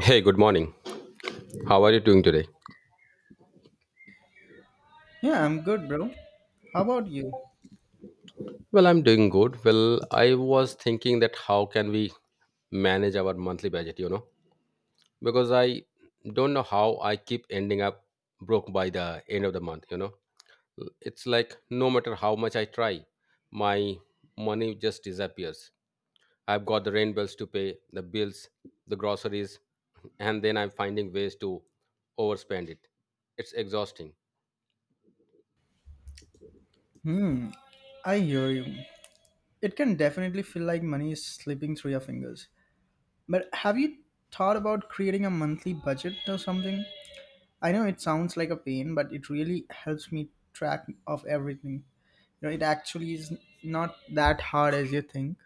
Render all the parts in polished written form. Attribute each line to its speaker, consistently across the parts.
Speaker 1: Hey, good morning. How are you doing today?
Speaker 2: Yeah, I'm good, bro. How about you?
Speaker 1: Well, I'm doing good. I was thinking that how can we manage our monthly budget, you know? Because I don't know how I keep ending up broke by the end of the month, you know? It's like no matter how much I try, my money just disappears. I've got the rent bills to pay, the bills, the groceries, and then I'm finding ways to overspend it. It's exhausting.
Speaker 2: Hmm, I hear you. It can definitely feel like money is slipping through your fingers. But have you thought about creating a monthly budget or something? I know it sounds like a pain, but it really helps me track of everything. You know, it actually is not that hard as you think.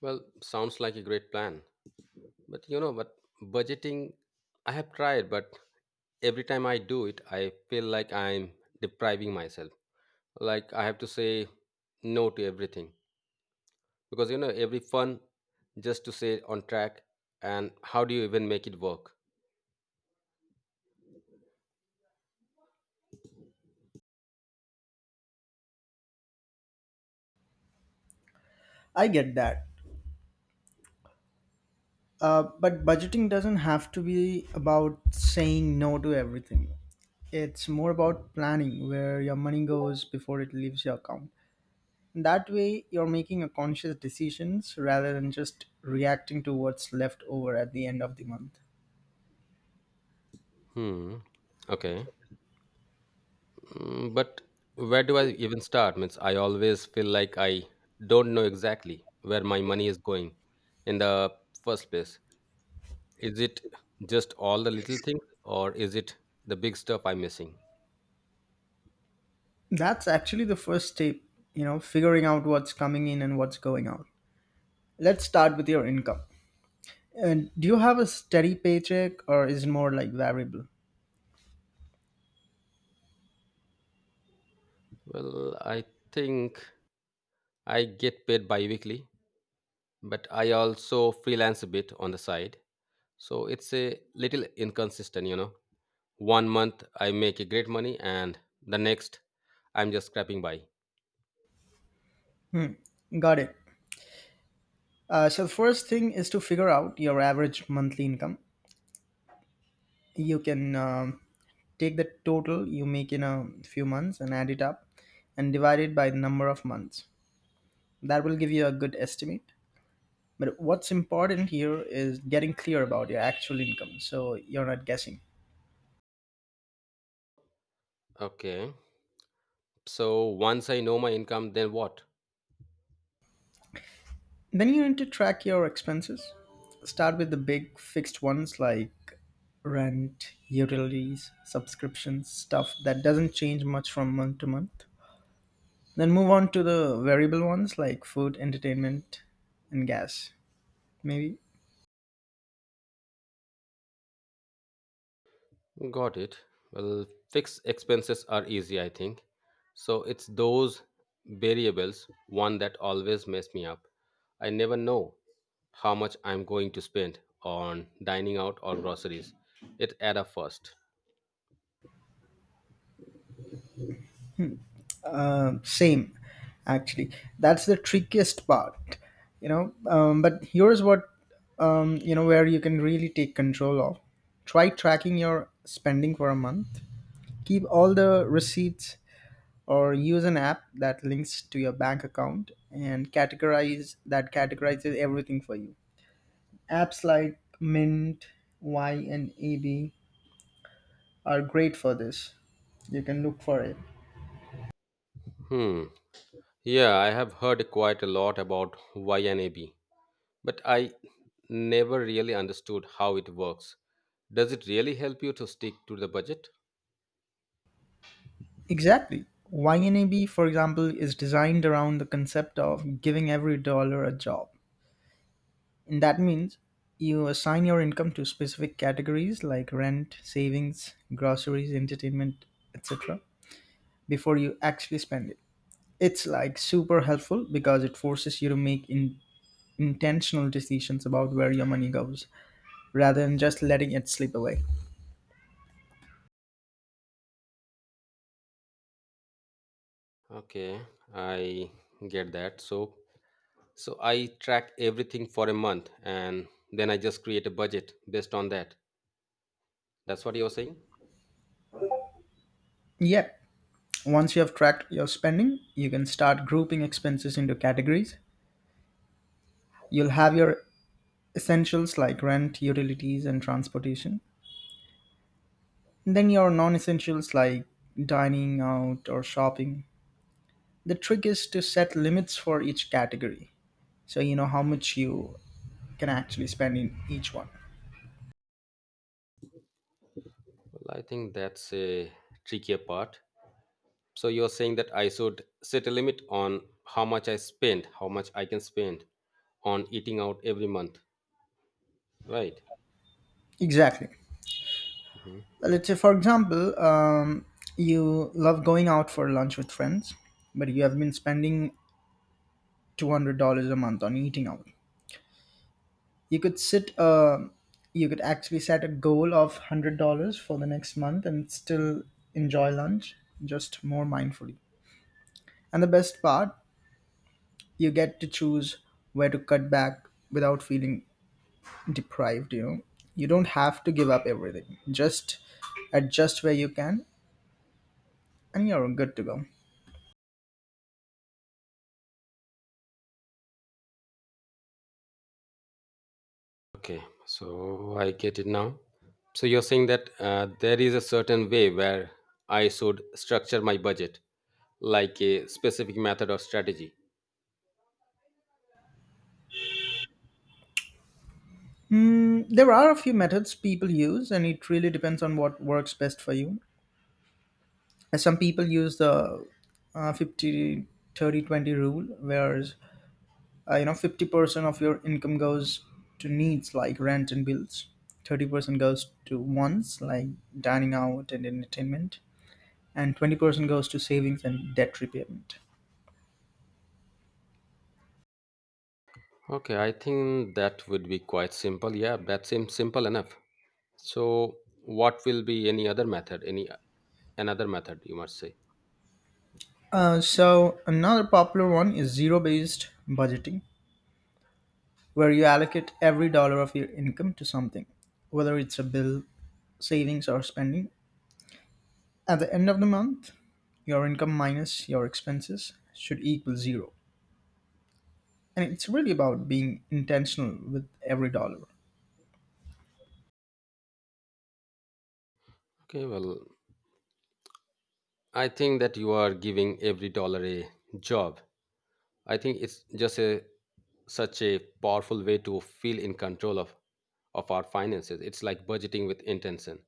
Speaker 1: Well, sounds like a great plan. But budgeting, I have tried, but every time I do it, I feel like I'm depriving myself. Like I have to say no to everything because every fun just to say on track. And how do you even make it work?
Speaker 2: I get that. But budgeting doesn't have to be about saying no to everything. It's more about planning where your money goes before it leaves your account. That way, you're making a conscious decisions rather than just reacting to what's left over at the end of the month.
Speaker 1: Hmm. Okay. But where do I even start? Means I always feel like I don't know exactly where my money is going in the first place. Is it just all the little things or is it the big stuff I'm missing?
Speaker 2: That's actually the first step, you know, figuring out what's coming in and what's going out. Let's start with your income. And do you have a steady paycheck or is it more like variable?
Speaker 1: I think I get paid bi-weekly, but I also freelance a bit on the side. So it's a little inconsistent, you know. One month I make a great money and the next I'm just scrapping by.
Speaker 2: Got it. So the first thing is to figure out your average monthly income. You can take the total you make in a few months and add it up and divide it by the number of months. That will give you a good estimate. But what's important here is getting clear about your actual income so you're not guessing.
Speaker 1: Okay. So once I know my income, then what?
Speaker 2: Then you need to track your expenses. Start with the big fixed ones like rent, utilities, subscriptions, stuff that doesn't change much from month to month. Then move on to the variable ones like food, entertainment, and gas, maybe.
Speaker 1: Got it. Well, fixed expenses are easy, I think. So it's those variables, one that always mess me up. I never know how much I'm going to spend on dining out or groceries. It add up first.
Speaker 2: Same, actually. That's the trickiest part, you know. But here's where you can really take control of. Try tracking your spending for a month. Keep all the receipts or use an app that links to your bank account and categorizes everything for you. Apps like Mint, Y, and AB are great for this. You can look for it.
Speaker 1: Hmm. Yeah, I have heard quite a lot about YNAB, but I never really understood how it works. Does it really help you to stick to the budget?
Speaker 2: Exactly. YNAB, for example, is designed around the concept of giving every dollar a job. And that means you assign your income to specific categories like rent, savings, groceries, entertainment, etc., before you actually spend it. It's like super helpful because it forces you to make intentional decisions about where your money goes rather than just letting it slip away.
Speaker 1: Okay, I get that. So I track everything for a month and then I just create a budget based on that. That's what you're saying?
Speaker 2: Yet, once you have tracked your spending, you can start grouping expenses into categories. You'll have your essentials like rent, utilities, and transportation. Then your non essentials like dining out or shopping. The trick is to set limits for each category. So you know how much you can actually spend in each one.
Speaker 1: Well, I think that's a trickier part. So you're saying that I should set a limit on how much I spend, how much I can spend on eating out every month, right?
Speaker 2: Exactly.
Speaker 1: Mhm.
Speaker 2: Well, let's say, for example, you love going out for lunch with friends, but you have been spending $200 a month on eating out. you could sit uh, you could actually set a goal of $100 for the next month and still enjoy lunch just more mindfully. And the best part, you get to choose where to cut back without feeling deprived, you know. You don't have to give up everything, just adjust where you can, and you're good to go.
Speaker 1: Okay, so I get it now. So you're saying that there is a certain way where I should structure my budget, like a specific method or strategy.
Speaker 2: There are a few methods people use, and it really depends on what works best for you. Some people use the 50-30-20 rule, whereas you know, 50% of your income goes to needs like rent and bills, 30% goes to wants like dining out and entertainment, and 20% goes to savings and debt repayment.
Speaker 1: Okay, I think that would be quite simple. Yeah, that seems simple enough. So what will be any other method? Any another method you must say.
Speaker 2: So another popular one is zero based budgeting, where you allocate every dollar of your income to something, whether it's a bill, savings or spending. At the end of the month your income minus your expenses should equal zero, and it's really about being intentional with every dollar.
Speaker 1: Okay, well, I think that you are giving every dollar a job. I think it's just a such a powerful way to feel in control of our finances. It's like budgeting with intention.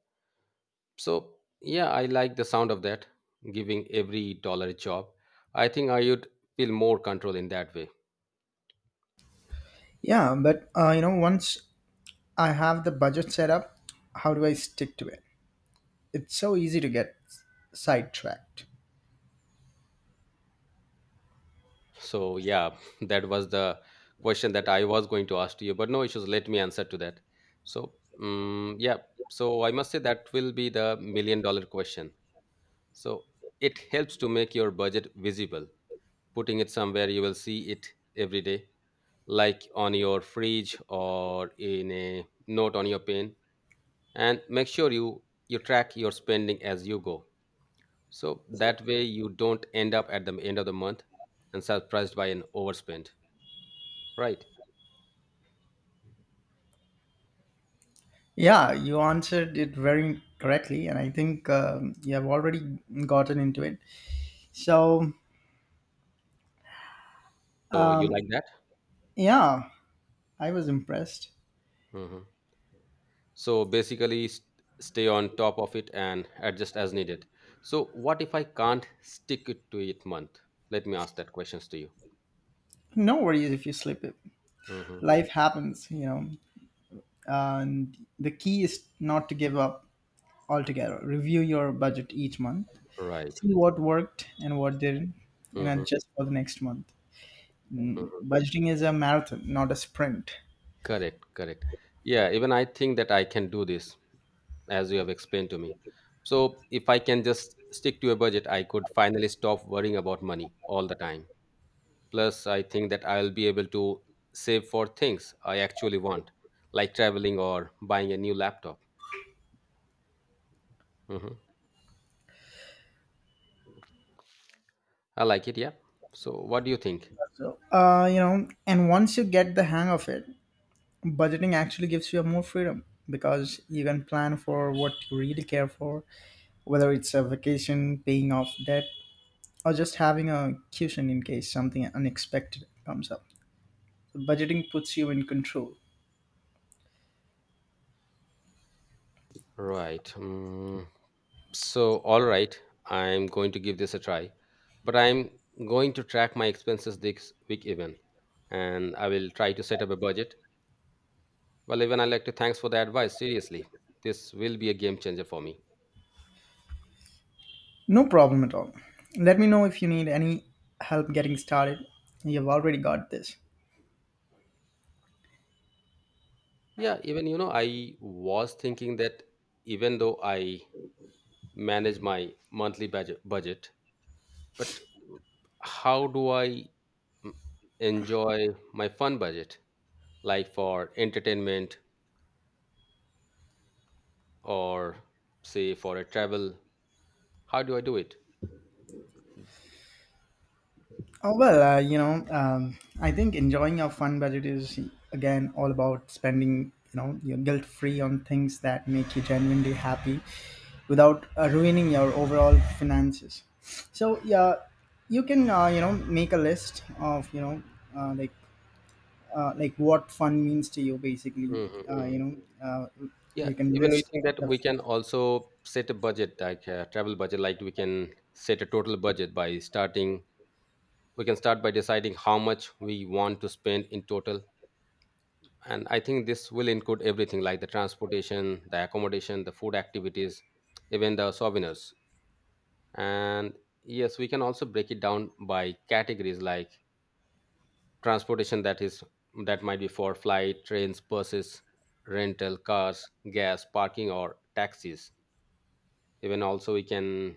Speaker 1: So, yeah, I like the sound of that, giving every dollar a job. I think I would feel more control in that way.
Speaker 2: Yeah, but you know, once I have the budget set up, how do I stick to it? It's so easy to get sidetracked.
Speaker 1: So, yeah, that was the question that I was going to ask to you, but no issues. Let me answer to that. So, yeah, so I must say that will be the million dollar question. So, it helps to make your budget visible. Putting it somewhere, you will see it every day, like on your fridge or in a note on your pen, and make sure you track your spending as you go, so that way you don't end up at the end of the month and surprised by an overspend, right?
Speaker 2: Yeah, you answered it very correctly, and I think you have already gotten into it. So,
Speaker 1: So you like that.
Speaker 2: yeah, I was impressed.
Speaker 1: Hmm. So basically stay on top of it and adjust as needed. So what if I can't stick it to it month, let me ask that questions to you.
Speaker 2: No worries if you slip it.
Speaker 1: Hmm.
Speaker 2: Life happens, you know, and the key is not to give up altogether. Review your budget each month,
Speaker 1: Right.
Speaker 2: see what worked and what didn't, and
Speaker 1: Hmm, hmm.
Speaker 2: adjust for the next month. Budgeting is a marathon not a sprint.
Speaker 1: Correct, correct. Yeah, even I think that I can do this as you have explained to me. So, if I can just stick to a budget, I could finally stop worrying about money all the time. Plus, I think that I'll be able to save for things I actually want, like traveling or buying a new laptop. Mhm. I like it, yeah. So, what do you think?
Speaker 2: So you know, and once you get the hang of it, budgeting actually gives you more freedom, because you can plan for what you really care for, whether it's a vacation, paying off debt, or just having a cushion in case something unexpected comes up. Budgeting puts you in control.
Speaker 1: Right. So, all right, I'm going to give this a try, but I'm going to track my expenses this week even, and I will try to set up a budget. Well, even I like to thanks for the advice. Seriously, this will be a game changer for me.
Speaker 2: No problem at all, let me know if you need any help getting started. You've already got this.
Speaker 1: Yeah, even you know, I was thinking that even though I manage my monthly budget, but how do I enjoy my fun budget, like for entertainment or say for a travel? How do I do it?
Speaker 2: Oh, well, you know, I think enjoying a fun budget is again all about spending, you know, your guilt free on things that make you genuinely happy without ruining your overall finances. So, yeah, you can, you know, make a list of, uh, like, like what fun means to you basically. Uh,
Speaker 1: Mm-hmm.
Speaker 2: you know, uh,
Speaker 1: Yeah,
Speaker 2: you can
Speaker 1: even we
Speaker 2: list
Speaker 1: think that
Speaker 2: the
Speaker 1: we can also set a budget, like a travel budget, like we can set a total budget by starting we can start by deciding how much we want to spend in total. And I think this will include everything like the transportation, the accommodation, the food, activities, even the souvenirs. And yes, we can also break it down by categories, like transportation, that might be for flight, trains, buses, rental cars, gas, parking or taxis. Even also we can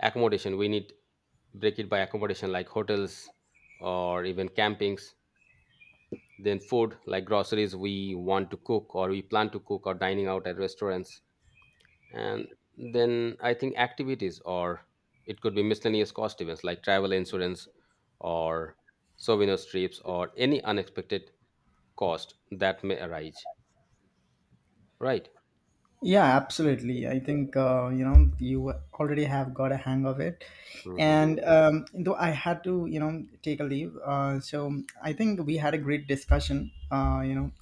Speaker 1: accommodation, we need break it by accommodation, like hotels or even campings. Then food, like groceries we want to cook or we plan to cook, or dining out at restaurants. And then I think activities, or it could be miscellaneous cost events like travel insurance, or souvenir trips, or any unexpected cost that may arise, right?
Speaker 2: Yeah, absolutely. I think you know, you already have got a hang of it,
Speaker 1: Hmm.
Speaker 2: and though I had to you know take a leave, so I think we had a great discussion, you know,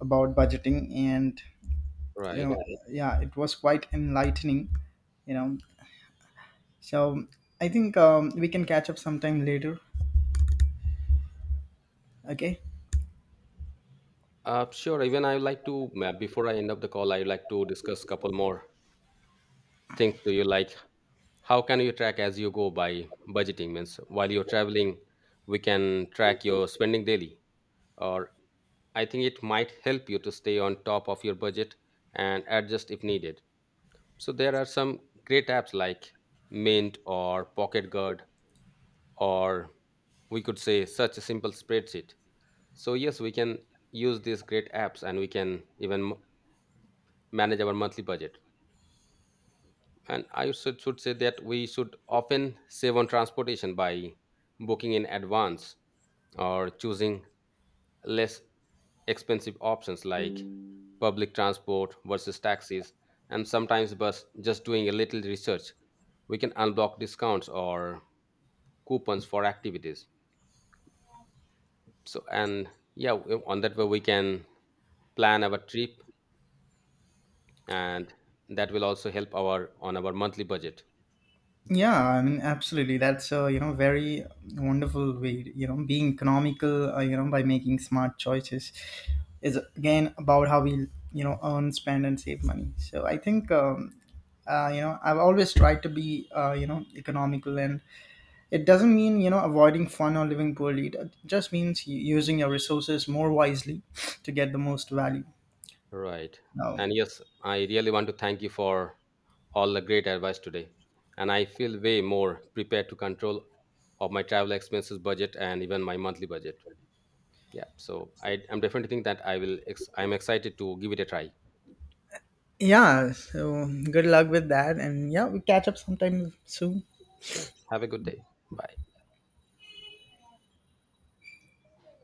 Speaker 2: about budgeting, and you know,
Speaker 1: Right.
Speaker 2: right. Yeah, it was quite enlightening, you know. So I think we can catch up sometime later. Okay.
Speaker 1: Sure, even I would like to, before I end up the call, I would like to discuss couple more things to you, like how can you track as you go by budgeting means. While you're traveling, we can track your spending daily, or I think it might help you to stay on top of your budget and adjust if needed. So there are some great apps like Mint or Pocket Guard, or we could say such a simple spreadsheet. So yes, we can use these great apps and we can even manage our monthly budget. And I should say that we should often save on transportation by booking in advance or choosing less expensive options like public transport versus taxis, and sometimes bus. Just doing a little research, we can unblock discounts or coupons for activities. So, and yeah, on that way we can plan our trip, and that will also help our on our monthly budget.
Speaker 2: Yeah, I mean, absolutely. That's a you know very wonderful way. You know, being economical, you know, by making smart choices, is again about how we you know earn, spend, and save money. So I think you know, I've always tried to be you know, economical, and it doesn't mean you know avoiding fun or living poorly. It just means using your resources more wisely to get the most value.
Speaker 1: Right. And
Speaker 2: Um,
Speaker 1: yes, I really want to thank you for all the great advice today. And I feel way more prepared to control of my travel expenses budget and even my monthly budget. Yeah. So I'm definitely think that I will, I'm excited to give it a try.
Speaker 2: yeah. So good luck with that, and yeah, we catch up sometime soon.
Speaker 1: Sure. Have a good day. Bye.